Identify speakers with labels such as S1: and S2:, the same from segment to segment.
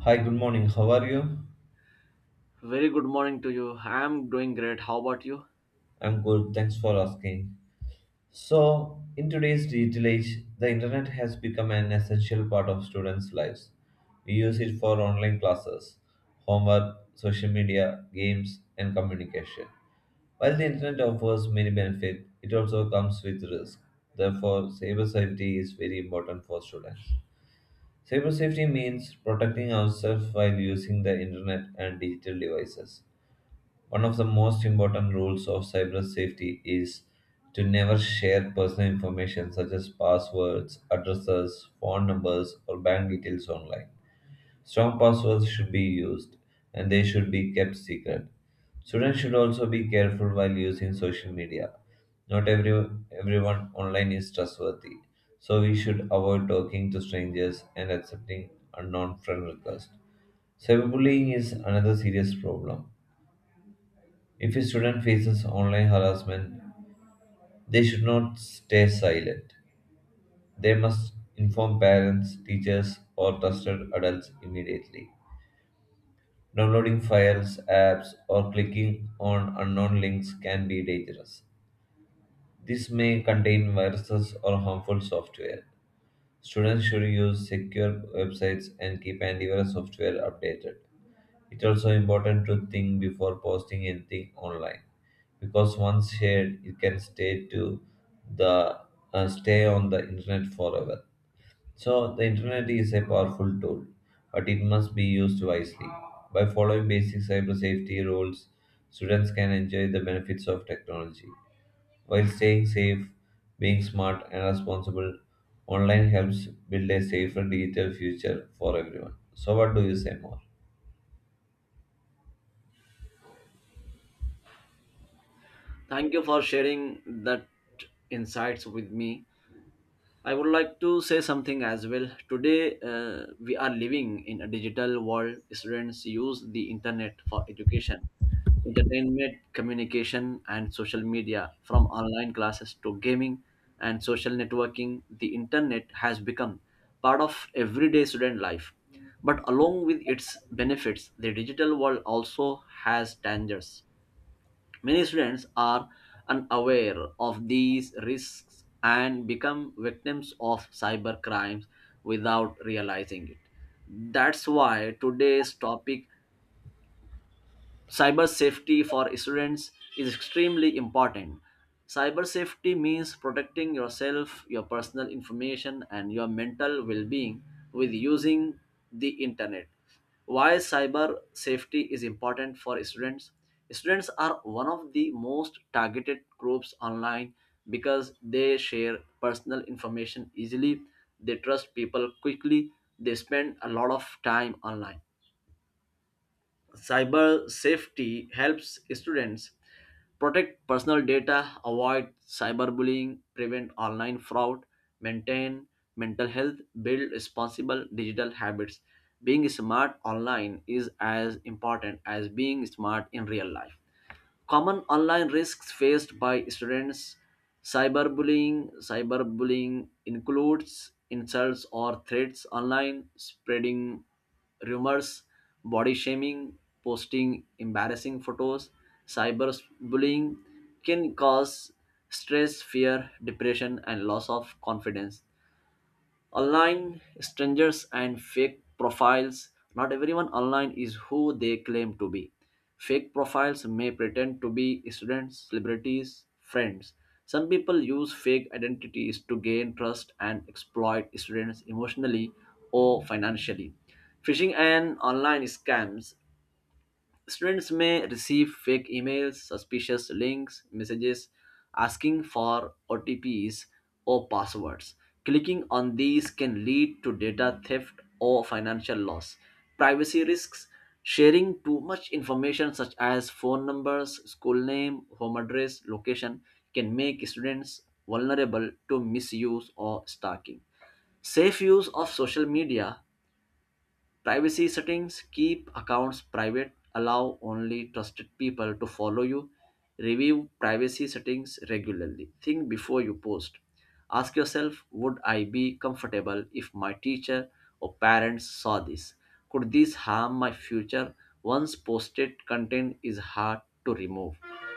S1: Hi, good morning. How are you?
S2: Very good morning to you. I'm doing great. How about you?
S1: I'm good. Thanks for asking. So, in today's digital age, the internet has become an essential part of students' lives. We use it for online classes, homework, social media, games, and communication. While the internet offers many benefits, it also comes with risk. Therefore, cyber safety is very important for students. Cyber safety means protecting ourselves while using the internet and digital devices. One of the most important rules of cyber safety is to never share personal information such as passwords, addresses, phone numbers, or bank details online. Strong passwords should be used and they should be kept secret. Students should also be careful while using social media. Not every, Everyone online is trustworthy, so we should avoid talking to strangers and accepting unknown friend requests. Cyberbullying is another serious problem. If a student faces online harassment, they should not stay silent. They must inform parents, teachers, or trusted adults immediately. Downloading files, apps, or clicking on unknown links can be dangerous. This may contain viruses or harmful software. Students should use secure websites and keep antivirus software updated. It's also important to think before posting anything online because once shared, it can stay to the stay on the internet forever. So the internet is a powerful tool, but it must be used wisely. By following basic cyber safety rules, students can enjoy the benefits of technology while staying safe, being smart and responsible. Online helps build a safer digital future for everyone. So, what do you say more?
S2: Thank you for sharing that insights with me. I would like to say something as well. Today, we are living in a digital world. Students use the internet for education entertainment, communication, and social media. From online classes to gaming and social networking, the internet has become part of everyday student life. But along with its benefits, the digital world also has dangers. Many students are unaware of these risks and become victims of cyber crimes without realizing it. That's why today's topic, cyber safety for students, is extremely important. Cyber safety means protecting yourself, your personal information, and your mental well-being with using the internet. Why cyber safety is important for students? Students are one of the most targeted groups online because they share personal information easily, they trust people quickly, they spend a lot of time online. Cyber safety helps students protect personal data, avoid cyberbullying, prevent online fraud, maintain mental health, build responsible digital habits. Being smart online is as important as being smart in real life. Common online risks faced by students: cyberbullying. Cyberbullying includes insults or threats online, spreading rumors, body shaming, posting embarrassing photos. Cyberbullying can cause stress, fear, depression, and loss of confidence. Online strangers and fake profiles. Not everyone online is who they claim to be. Fake profiles may pretend to be students, celebrities, friends. Some people use fake identities to gain trust and exploit students emotionally or financially. Phishing and online scams. Students may receive fake emails, suspicious links, messages asking for OTPs or passwords. Clicking on these can lead to data theft or financial loss. Privacy risks: sharing too much information such as phone numbers, school name, home address, location can make students vulnerable to misuse or stalking. Safe use of social media. Privacy settings: keep accounts private, allow only trusted people to follow you. Review privacy settings regularly. Think before you post. Ask yourself, would I be comfortable if my teacher or parents saw this? Could this harm my future? Once posted, content is hard to remove.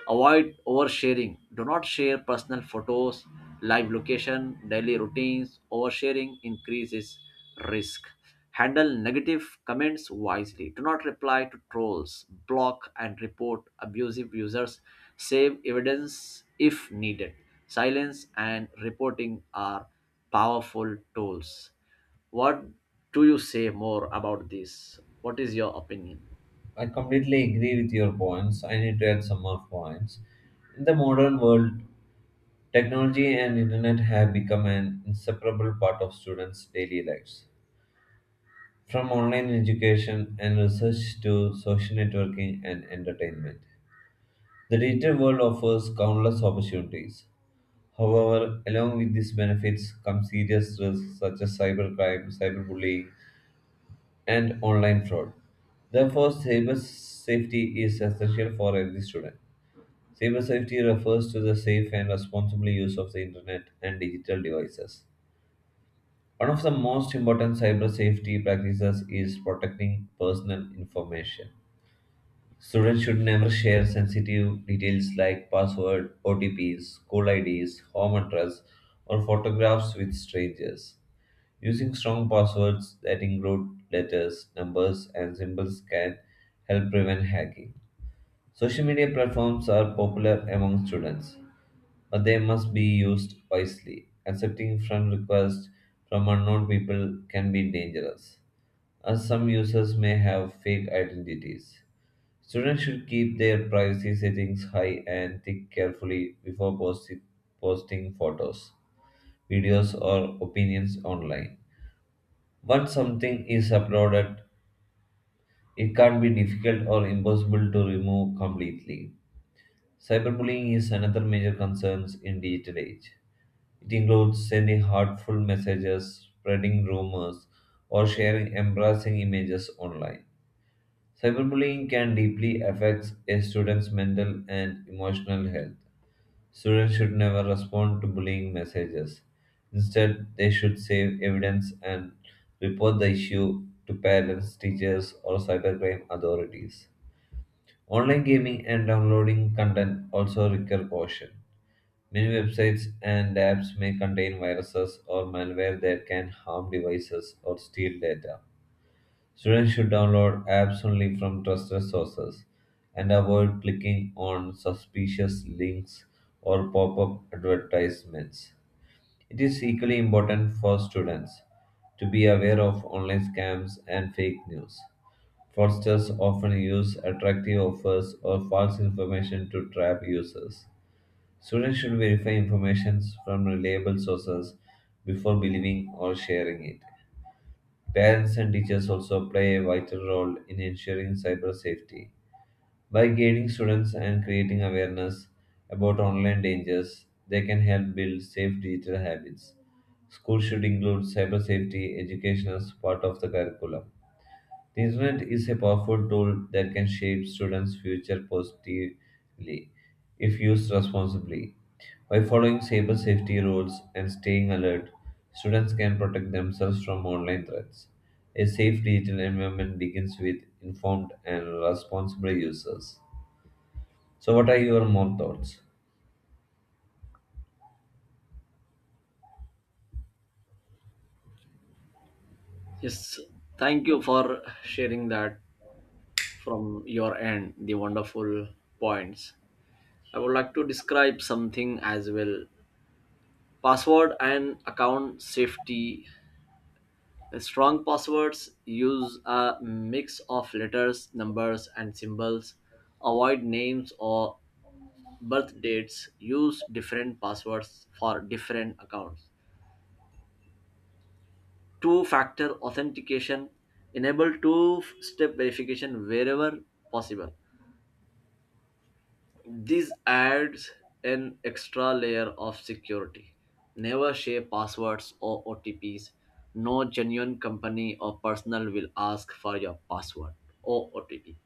S2: Avoid oversharing. Do not share personal photos, live location, daily routines. Oversharing increases risk. Handle negative comments wisely. Do not reply to trolls. Block and report abusive users. Save evidence if needed. Silence and reporting are powerful tools. What do you say more about this? What is your opinion?
S1: I completely agree with your points. I need to add some more points. In the modern world, technology and internet have become an inseparable part of students' daily lives. From online education and research to social networking and entertainment, the digital world offers countless opportunities. However, along with these benefits come serious risks such as cybercrime, cyberbullying, and online fraud. Therefore, cyber safety is essential for every student. Cybersafety refers to the safe and responsible use of the internet and digital devices. One of the most important cyber safety practices is protecting personal information. Students should never share sensitive details like password, OTPs, school IDs, home address, or photographs with strangers. Using strong passwords that include letters, numbers, and symbols can help prevent hacking. Social media platforms are popular among students but they must be used wisely. Accepting friend requests from unknown people can be dangerous, as some users may have fake identities. Students should keep their privacy settings high and think carefully before posting photos, videos, or opinions online. Once something is uploaded, it can't be difficult or impossible to remove completely. Cyberbullying is another major concern in digital age. It includes sending hurtful messages, spreading rumors, or sharing embarrassing images online. Cyberbullying can deeply affect a student's mental and emotional health. Students should never respond to bullying messages. Instead, they should save evidence and report the issue to parents, teachers, or cybercrime authorities. Online gaming and downloading content also require caution. Many websites and apps may contain viruses or malware that can harm devices or steal data. Students should download apps only from trusted sources and avoid clicking on suspicious links or pop up advertisements. It is equally important for students to be aware of online scams and fake news. Fraudsters often use attractive offers or false information to trap users. Students should verify information from reliable sources before believing or sharing it. Parents and teachers also play a vital role in ensuring cyber safety. By guiding students and creating awareness about online dangers, they can help build safe digital habits. Schools should include cyber safety education as part of the curriculum. The internet is a powerful tool that can shape students' future positively if used responsibly. By following cyber safety rules and staying alert, students can protect themselves from online threats. A safe digital environment begins with informed and responsible users. So, what are your more thoughts?
S2: Yes, thank you for sharing that from your end, the wonderful points. I would like to describe something as well. Password and account safety. Strong passwords use a mix of letters, numbers, and symbols. Avoid names or birth dates. Use different passwords for different accounts. Two factor authentication. Enable two step verification wherever possible. This adds an extra layer of security. Never share passwords or OTPs. No genuine company or personal will ask for your password or OTP.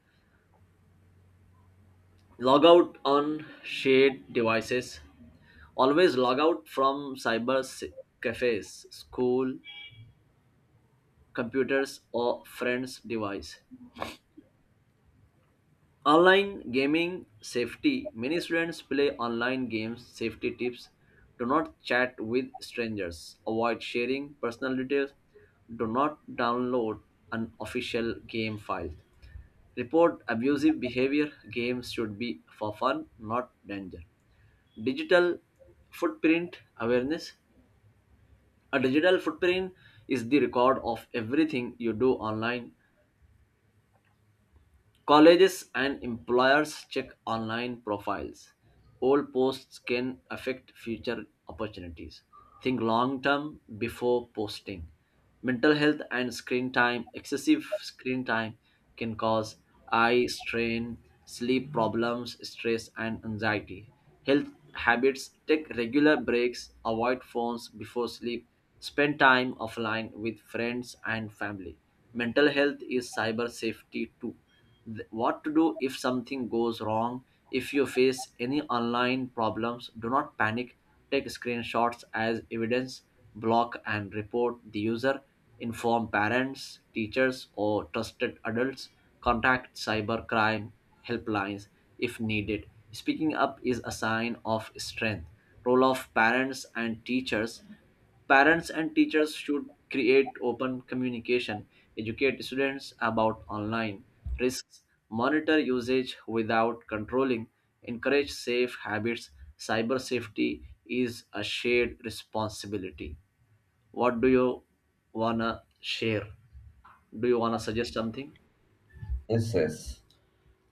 S2: Log out on shared devices. Always log out from cyber cafes, school, computers, or friends' device. Online gaming safety. Many students play online games. Safety tips: do not chat with strangers. Avoid sharing personal details. Do not download an official game file. Report abusive behavior. Games should be for fun, not danger. Digital footprint awareness. A digital footprint is the record of everything you do online. Colleges and employers check online profiles. Old posts can affect future opportunities. Think long term before posting. Mental health and screen time: excessive screen time can cause eye strain, sleep problems, stress, and anxiety. Health habits: take regular breaks, avoid phones before sleep, spend time offline with friends and family. Mental health is cyber safety too. What to do if something goes wrong: if you face any online problems, do not panic, take screenshots as evidence, block and report the user, inform parents, teachers, or trusted adults, contact cybercrime helplines if needed. Speaking up is a sign of strength. Role of parents and teachers. Parents and teachers should create open communication, educate students about online risks, monitor usage without controlling, encourage safe habits. Cyber safety is a shared responsibility. What do you wanna share? Do you wanna suggest something?
S1: Yes.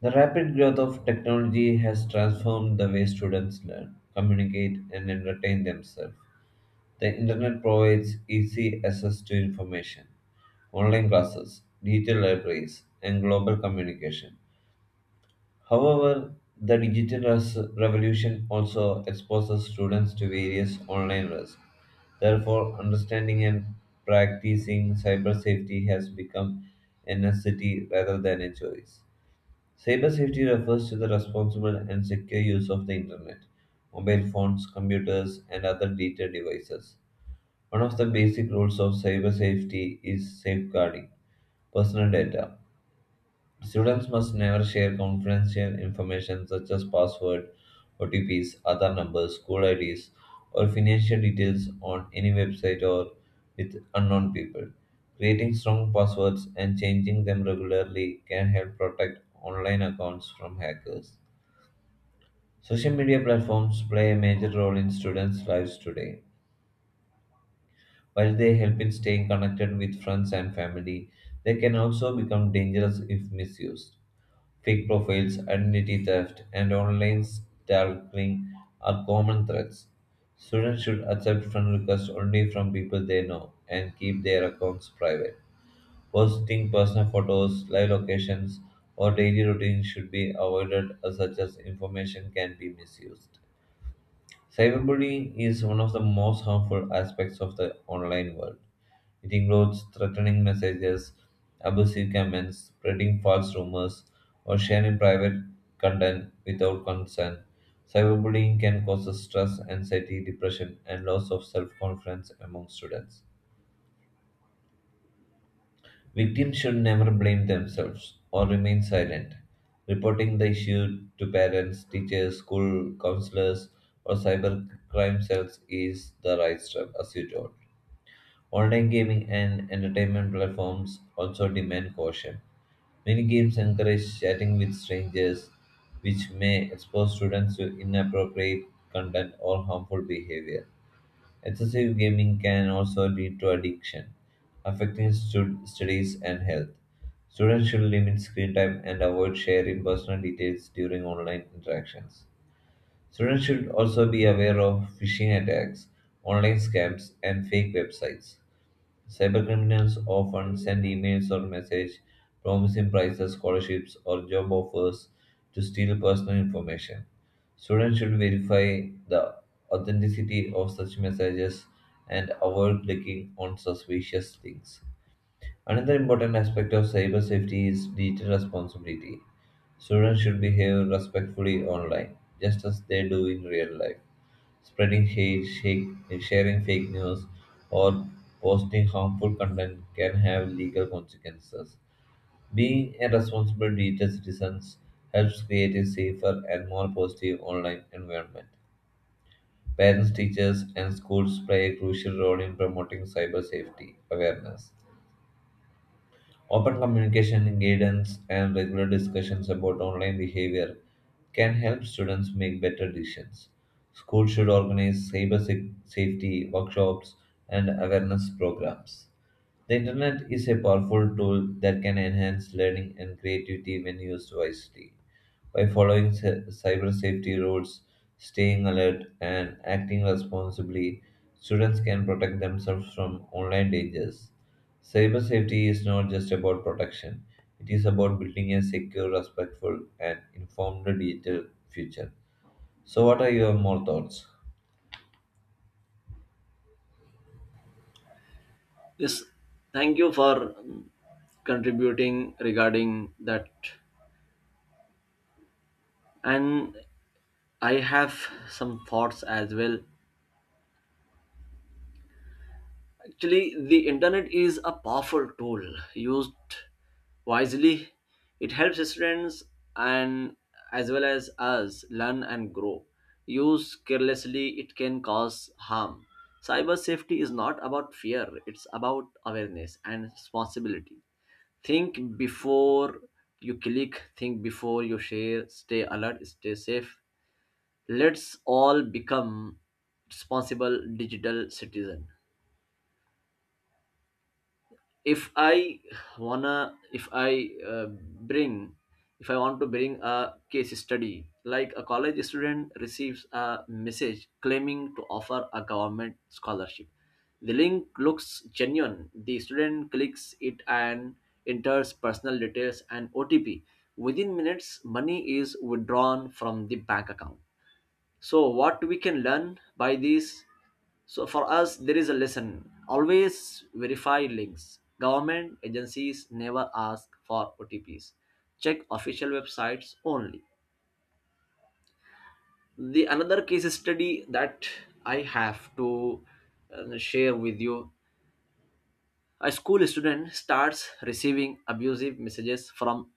S1: The rapid growth of technology has transformed the way students learn, communicate, and entertain themselves. The internet provides easy access to information, online classes, digital libraries, and global communication. However, the revolution also exposes students to various online risks. Therefore, understanding and practicing cyber safety has become a necessity rather than a choice. Cybersafety refers to the responsible and secure use of the internet, mobile phones, computers, and other digital devices. One of the basic rules of cyber safety is safeguarding personal data. Students must never share confidential information such as password, OTPs, other numbers, school IDs, or financial details on any website or with unknown people. Creating strong passwords and changing them regularly can help protect online accounts from hackers. Social media platforms play a major role in students' lives today. While they help in staying connected with friends and family, they can also become dangerous if misused. Fake profiles, identity theft, and online stalking are common threats. Students should accept friend requests only from people they know and keep their accounts private. Posting personal photos, live locations, or daily routines should be avoided as such as information can be misused. Cyberbullying is one of the most harmful aspects of the online world. It includes threatening messages, abusive comments, spreading false rumors, or sharing private content without consent. Cyberbullying can cause stress, anxiety, depression, and loss of self confidence among students. Victims should never blame themselves or remain silent. Reporting the issue to parents, teachers, school counselors, or cybercrime cells is the right step, as you told. Online gaming and entertainment platforms also demand caution. Many games encourage chatting with strangers, which may expose students to inappropriate content or harmful behavior. Excessive gaming can also lead to addiction, affecting studies and health. Students should limit screen time and avoid sharing personal details during online interactions. Students should also be aware of phishing attacks, online scams, and fake websites. Cybercriminals often send emails or messages promising prizes, scholarships, or job offers to steal personal information. Students should verify the authenticity of such messages and avoid clicking on suspicious links. Another important aspect of cyber safety is digital responsibility. Students should behave respectfully online, just as they do in real life. Spreading hate, shake, Sharing fake news, or posting harmful content can have legal consequences. Being a responsible digital citizen helps create a safer and more positive online environment. Parents, teachers, and schools play a crucial role in promoting cyber safety awareness. Open communication, guidance, and regular discussions about online behavior can help students make better decisions. Schools should organize safety workshops and awareness programs. The internet is a powerful tool that can enhance learning and creativity when used wisely. By following cyber safety rules, staying alert, and acting responsibly, students can protect themselves from online dangers. Cyber safety is not just about protection, it is about building a secure, respectful, and informed digital future. So, what are your more thoughts?
S2: Yes, thank you for contributing regarding that. And I have some thoughts as well. Actually, the internet is a powerful tool. Used wisely, it helps students and as well as us learn and grow. Used carelessly, it can cause harm. Cyber safety is not about fear, it's about awareness and responsibility. Think before you click, think before you share, stay alert, stay safe. Let's all become responsible digital citizen. if i wanna if i uh, bring if I want to bring a case study, like a college student receives a message claiming to offer a government scholarship. The link looks genuine. The student clicks it and enters personal details and otp. Within minutes money is withdrawn from the bank account. So what we can learn by this, so for us there is a lesson: always verify links. Government agencies never ask for otps. Check official websites only. The another case study that I have to share with you: a school student starts receiving abusive messages from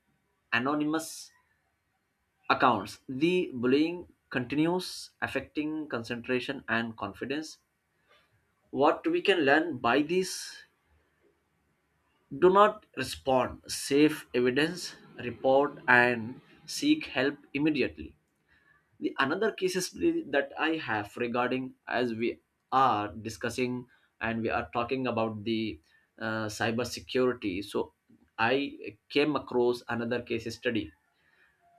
S2: anonymous accounts. The bullying continues, affecting concentration and confidence. What we can learn by this: do not respond, save evidence, report and seek help immediately. The another cases that I have, regarding as we are discussing and we are talking about the cyber security, so I came across another case study.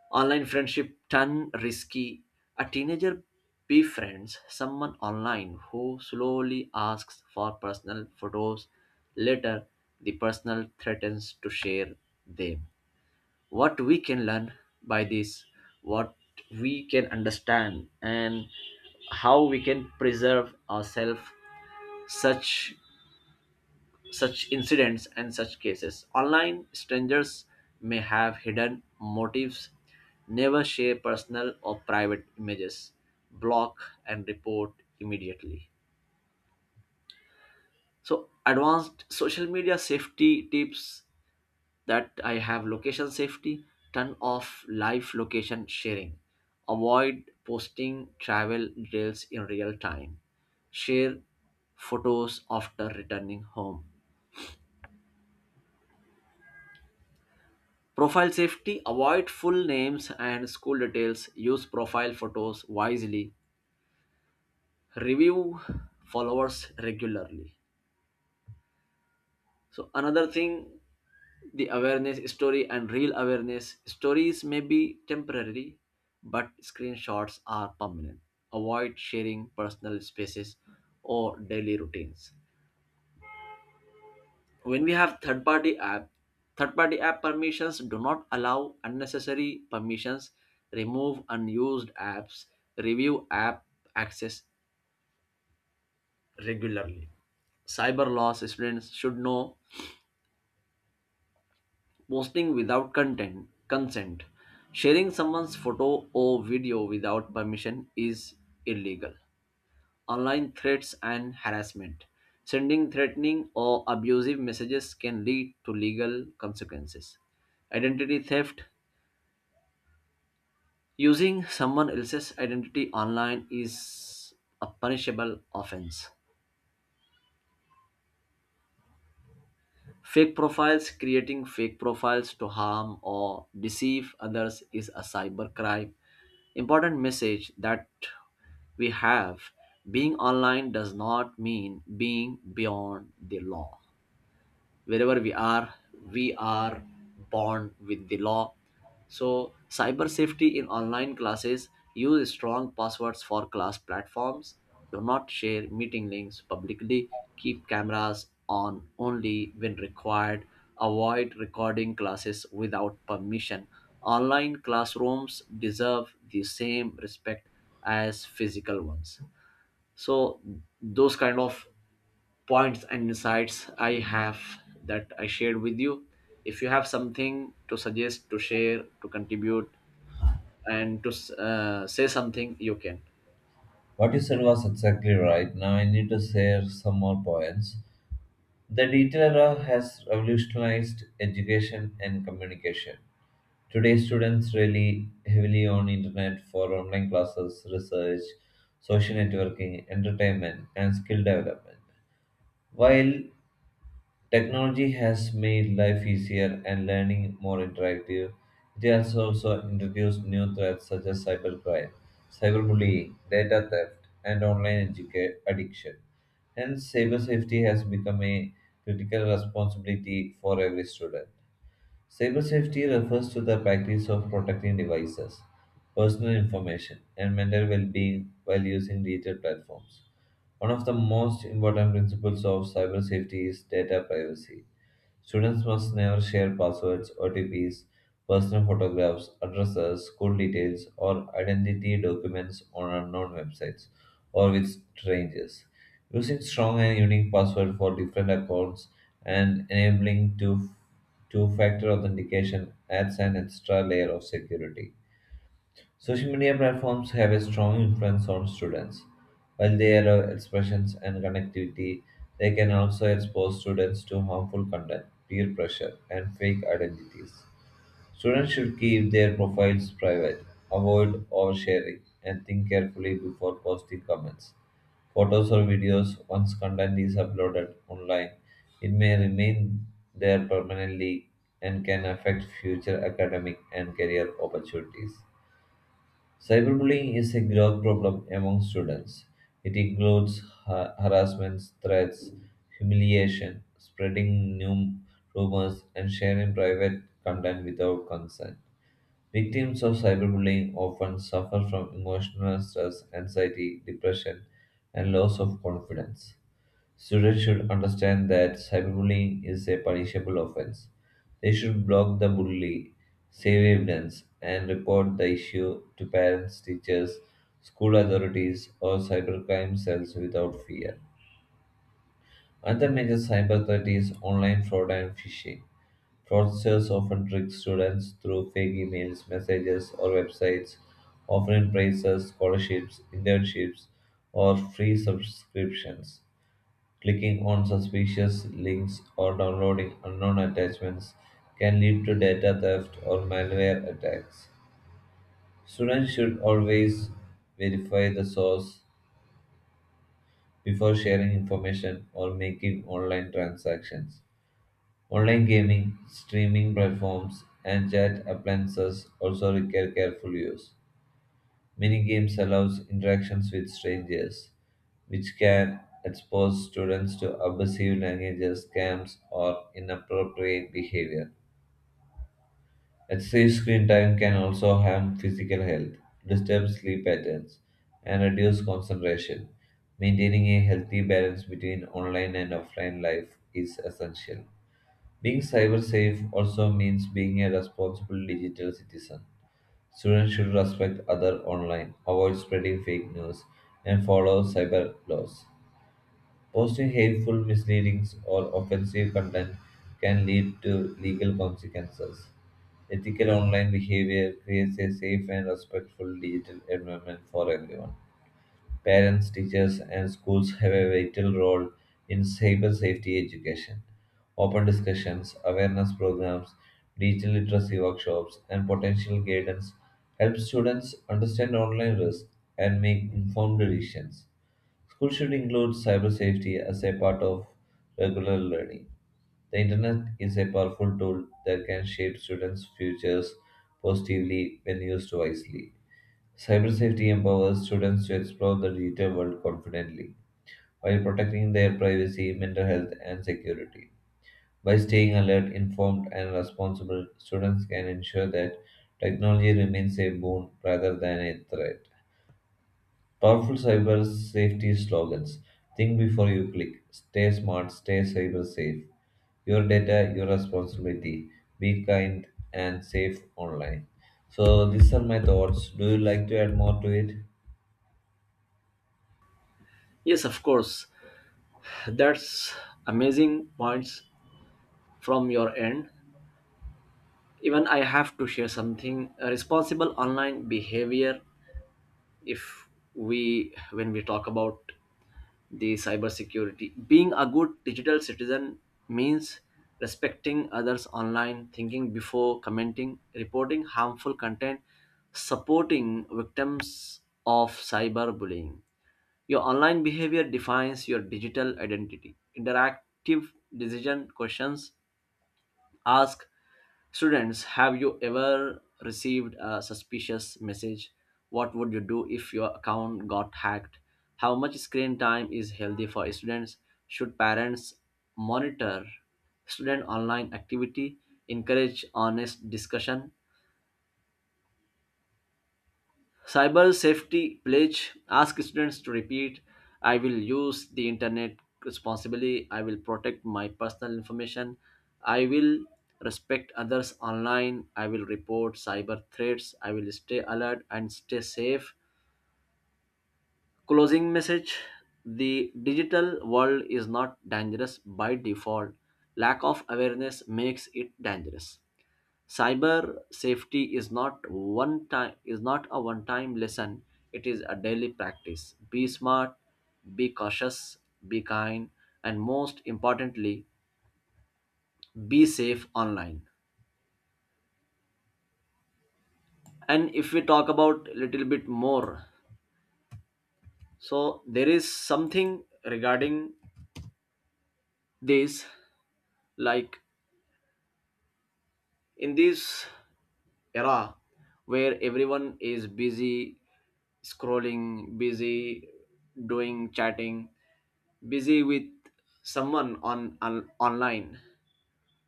S2: Online friendship turn risky. A teenager befriends someone online who slowly asks for personal photos. Later, the personal threatens to share them. What we can learn by this, what we can understand, and how we can preserve ourselves such such incidents and such cases. Online strangers may have hidden motives. Never share personal or private images, block and report immediately. So, advanced social media safety tips that I have: location safety, turn off live location sharing, avoid posting travel details in real time, share photos after returning home. Profile safety: avoid full names and school details, use profile photos wisely, review followers regularly. So, another thing, the awareness story and real awareness stories may be temporary, but screenshots are permanent. Avoid sharing personal spaces or daily routines. When we have third party app, third party app permissions, do not allow unnecessary permissions, remove unused apps, review app access regularly. Cyber law students should know: posting without content consent, sharing someone's photo or video without permission is illegal. Online threats and harassment: sending threatening or abusive messages can lead to legal consequences. Identity theft: using someone else's identity online is a punishable offense. Fake profiles: creating fake profiles to harm or deceive others is a cybercrime. Important message that we have: being online does not mean being beyond the law. Wherever we are, we are bound with the law. So, cyber safety in online classes: use strong passwords for class platforms, do not share meeting links publicly, keep cameras on only when required, avoid recording classes without permission. Online classrooms deserve the same respect as physical ones. So, those kind of points and insights I have that I shared with you. If you have something to suggest, to share, to contribute, and to say something, you can.
S1: What you said was exactly right. Now, I need to share some more points. The digital era has revolutionized education and communication. Today, students rely heavily on internet for online classes, research, social networking, entertainment, and skill development. While technology has made life easier and learning more interactive, it has also introduced new threats such as cybercrime, cyberbullying, data theft, and addiction. Hence, cyber safety has become a critical responsibility for every student. Cybersafety refers to the practice of protecting devices, personal information, and mental well being while using digital platforms. One of the most important principles of cyber safety is data privacy. Students must never share passwords, OTPs, personal photographs, addresses, school details, or identity documents on unknown websites or with strangers. Using strong and unique password for different accounts and enabling two factor authentication adds an extra layer of security. Social media platforms have a strong influence on students. While they allow expressions and connectivity, they can also expose students to harmful content, peer pressure, and fake identities. Students should keep their profiles private, avoid oversharing, and think carefully before posting comments. Photos or videos, once content is uploaded online, it may remain there permanently and can affect future academic and career opportunities. Cyberbullying is a growing problem among students. It includes harassment, threats, humiliation, spreading new rumors, and sharing private content without consent. Victims of cyberbullying often suffer from emotional stress, anxiety, depression, and loss of confidence. Students should understand that cyberbullying is a punishable offense. They should block the bully, save evidence, and report the issue to parents, teachers, school authorities, or cybercrime cells without fear. Another major cyber threat is online fraud and phishing. Fraudsters often trick students through fake emails, messages, or websites offering prizes, scholarships, internships, or free subscriptions. Clicking on suspicious links or downloading unknown attachments can lead to data theft or malware attacks. Students should always verify the source before sharing information or making online transactions. Online gaming, streaming platforms, and chat appliances also require careful use. Many games allows interactions with strangers, which can expose students to abusive languages, scams, or inappropriate behavior. Excessive screen time can also harm physical health, disturb sleep patterns, and reduce concentration. Maintaining a healthy balance between online and offline life is essential. Being cyber safe also means being a responsible digital citizen. Students should respect others online, avoid spreading fake news, and follow cyber laws. Posting hateful, misleading, or offensive content can lead to legal consequences. Ethical online behavior creates a safe and respectful digital environment for everyone. Parents, teachers, and schools have a vital role in cyber safety education. Open discussions, awareness programs, digital literacy workshops, and potential guidance help students understand online risks and make informed decisions. School should include cyber safety as a part of regular learning. The internet is a powerful tool that can shape students' futures positively when used wisely. Cyber safety empowers students to explore the digital world confidently while protecting their privacy, mental health, and security. By staying alert, informed, and responsible, students can ensure that technology remains a boon rather than a threat. Powerful cyber safety slogans. Think before you click, stay smart, stay cyber safe. Your data, your responsibility. Be kind and safe online. So, these are my thoughts. Do you like to add more to it?
S2: Yes, of course. That's amazing points from your end. Even I have to share something. Responsible online behavior. If we, when we talk about the cybersecurity, being a good digital citizen means respecting others online, thinking before commenting, reporting harmful content, supporting victims of cyberbullying. Your online behavior defines your digital identity. Interactive decision questions ask: students, have you ever received a suspicious message? What would you do if your account got hacked? How much screen time is healthy for students? Should parents monitor student online activity? Encourage honest discussion. Cyber safety pledge, ask students to repeat: I will use the internet responsibly, I will protect my personal information, I will respect others online, I will report cyber threats, I will stay alert and stay safe. Closing message. The digital world is not dangerous by default. Lack of awareness makes it dangerous. Cyber safety is not one time, is not a one time lesson. It is a daily practice. Be smart, be cautious, be kind, and most importantly, be safe online. And if we talk about little bit more, so there is something regarding this, like in this era where everyone is busy scrolling, busy doing chatting, busy with someone on online.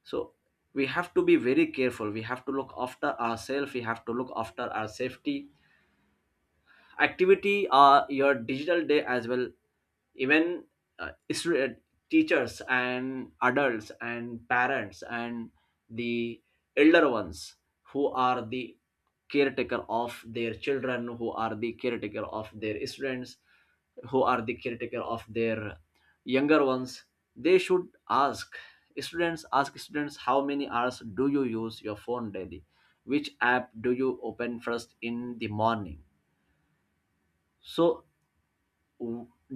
S2: So we have to be very careful. We have to look after ourselves. We have to look after our safety. Activity are your digital day as well. Even uh, isra- teachers and adults and parents and the elder ones, who are the caretaker of their children, who are the caretaker of their students, who are the caretaker of their younger ones, they should ask students, ask students: how many hours do you use your phone daily? Which app do you open first in the morning? So,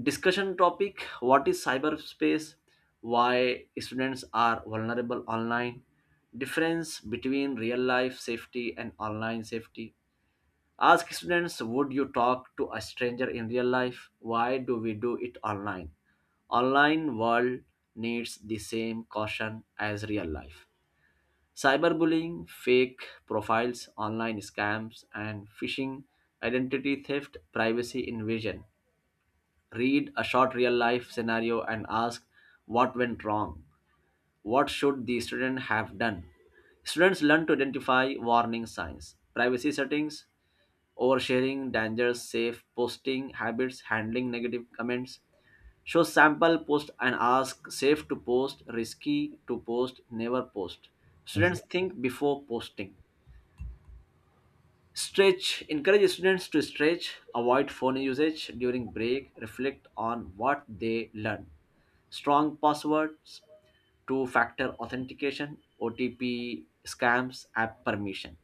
S2: discussion topic: what is cyberspace? Why students are vulnerable online? Difference between real life safety and online safety. Ask students: would you talk to a stranger in real life? Why do we do it online? Online world needs the same caution as real life. Cyberbullying, fake profiles, online scams and phishing, identity theft, privacy invasion. Read a short real life scenario and ask: what went wrong? What should the student have done? Students learn to identify warning signs, privacy settings, oversharing dangers, safe posting habits, handling negative comments. Show sample post and ask: safe to post, risky to post, never post?
S1: Yes,
S2: Students think before posting. Stretch. Encourage students to stretch, avoid phone usage during break, reflect on what they learn. Strong passwords, two factor authentication, OTP scams, app permission.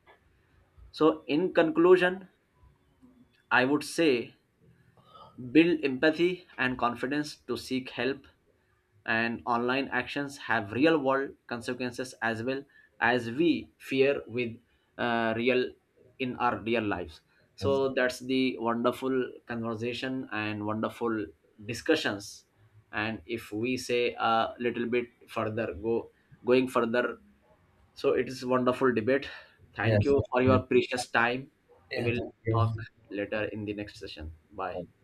S2: So, in conclusion, I would say build empathy and confidence to seek help, and online actions have real world consequences as well, as we fear with real in our real lives.
S1: yes.
S2: So that's the wonderful conversation and wonderful discussions. And if we say a little bit further go going further, so it is wonderful debate. Thank
S1: Yes.
S2: you for your
S1: Yeah.
S2: precious time. We
S1: Thank
S2: will talk
S1: you.
S2: later in the next session. Bye.
S1: Thank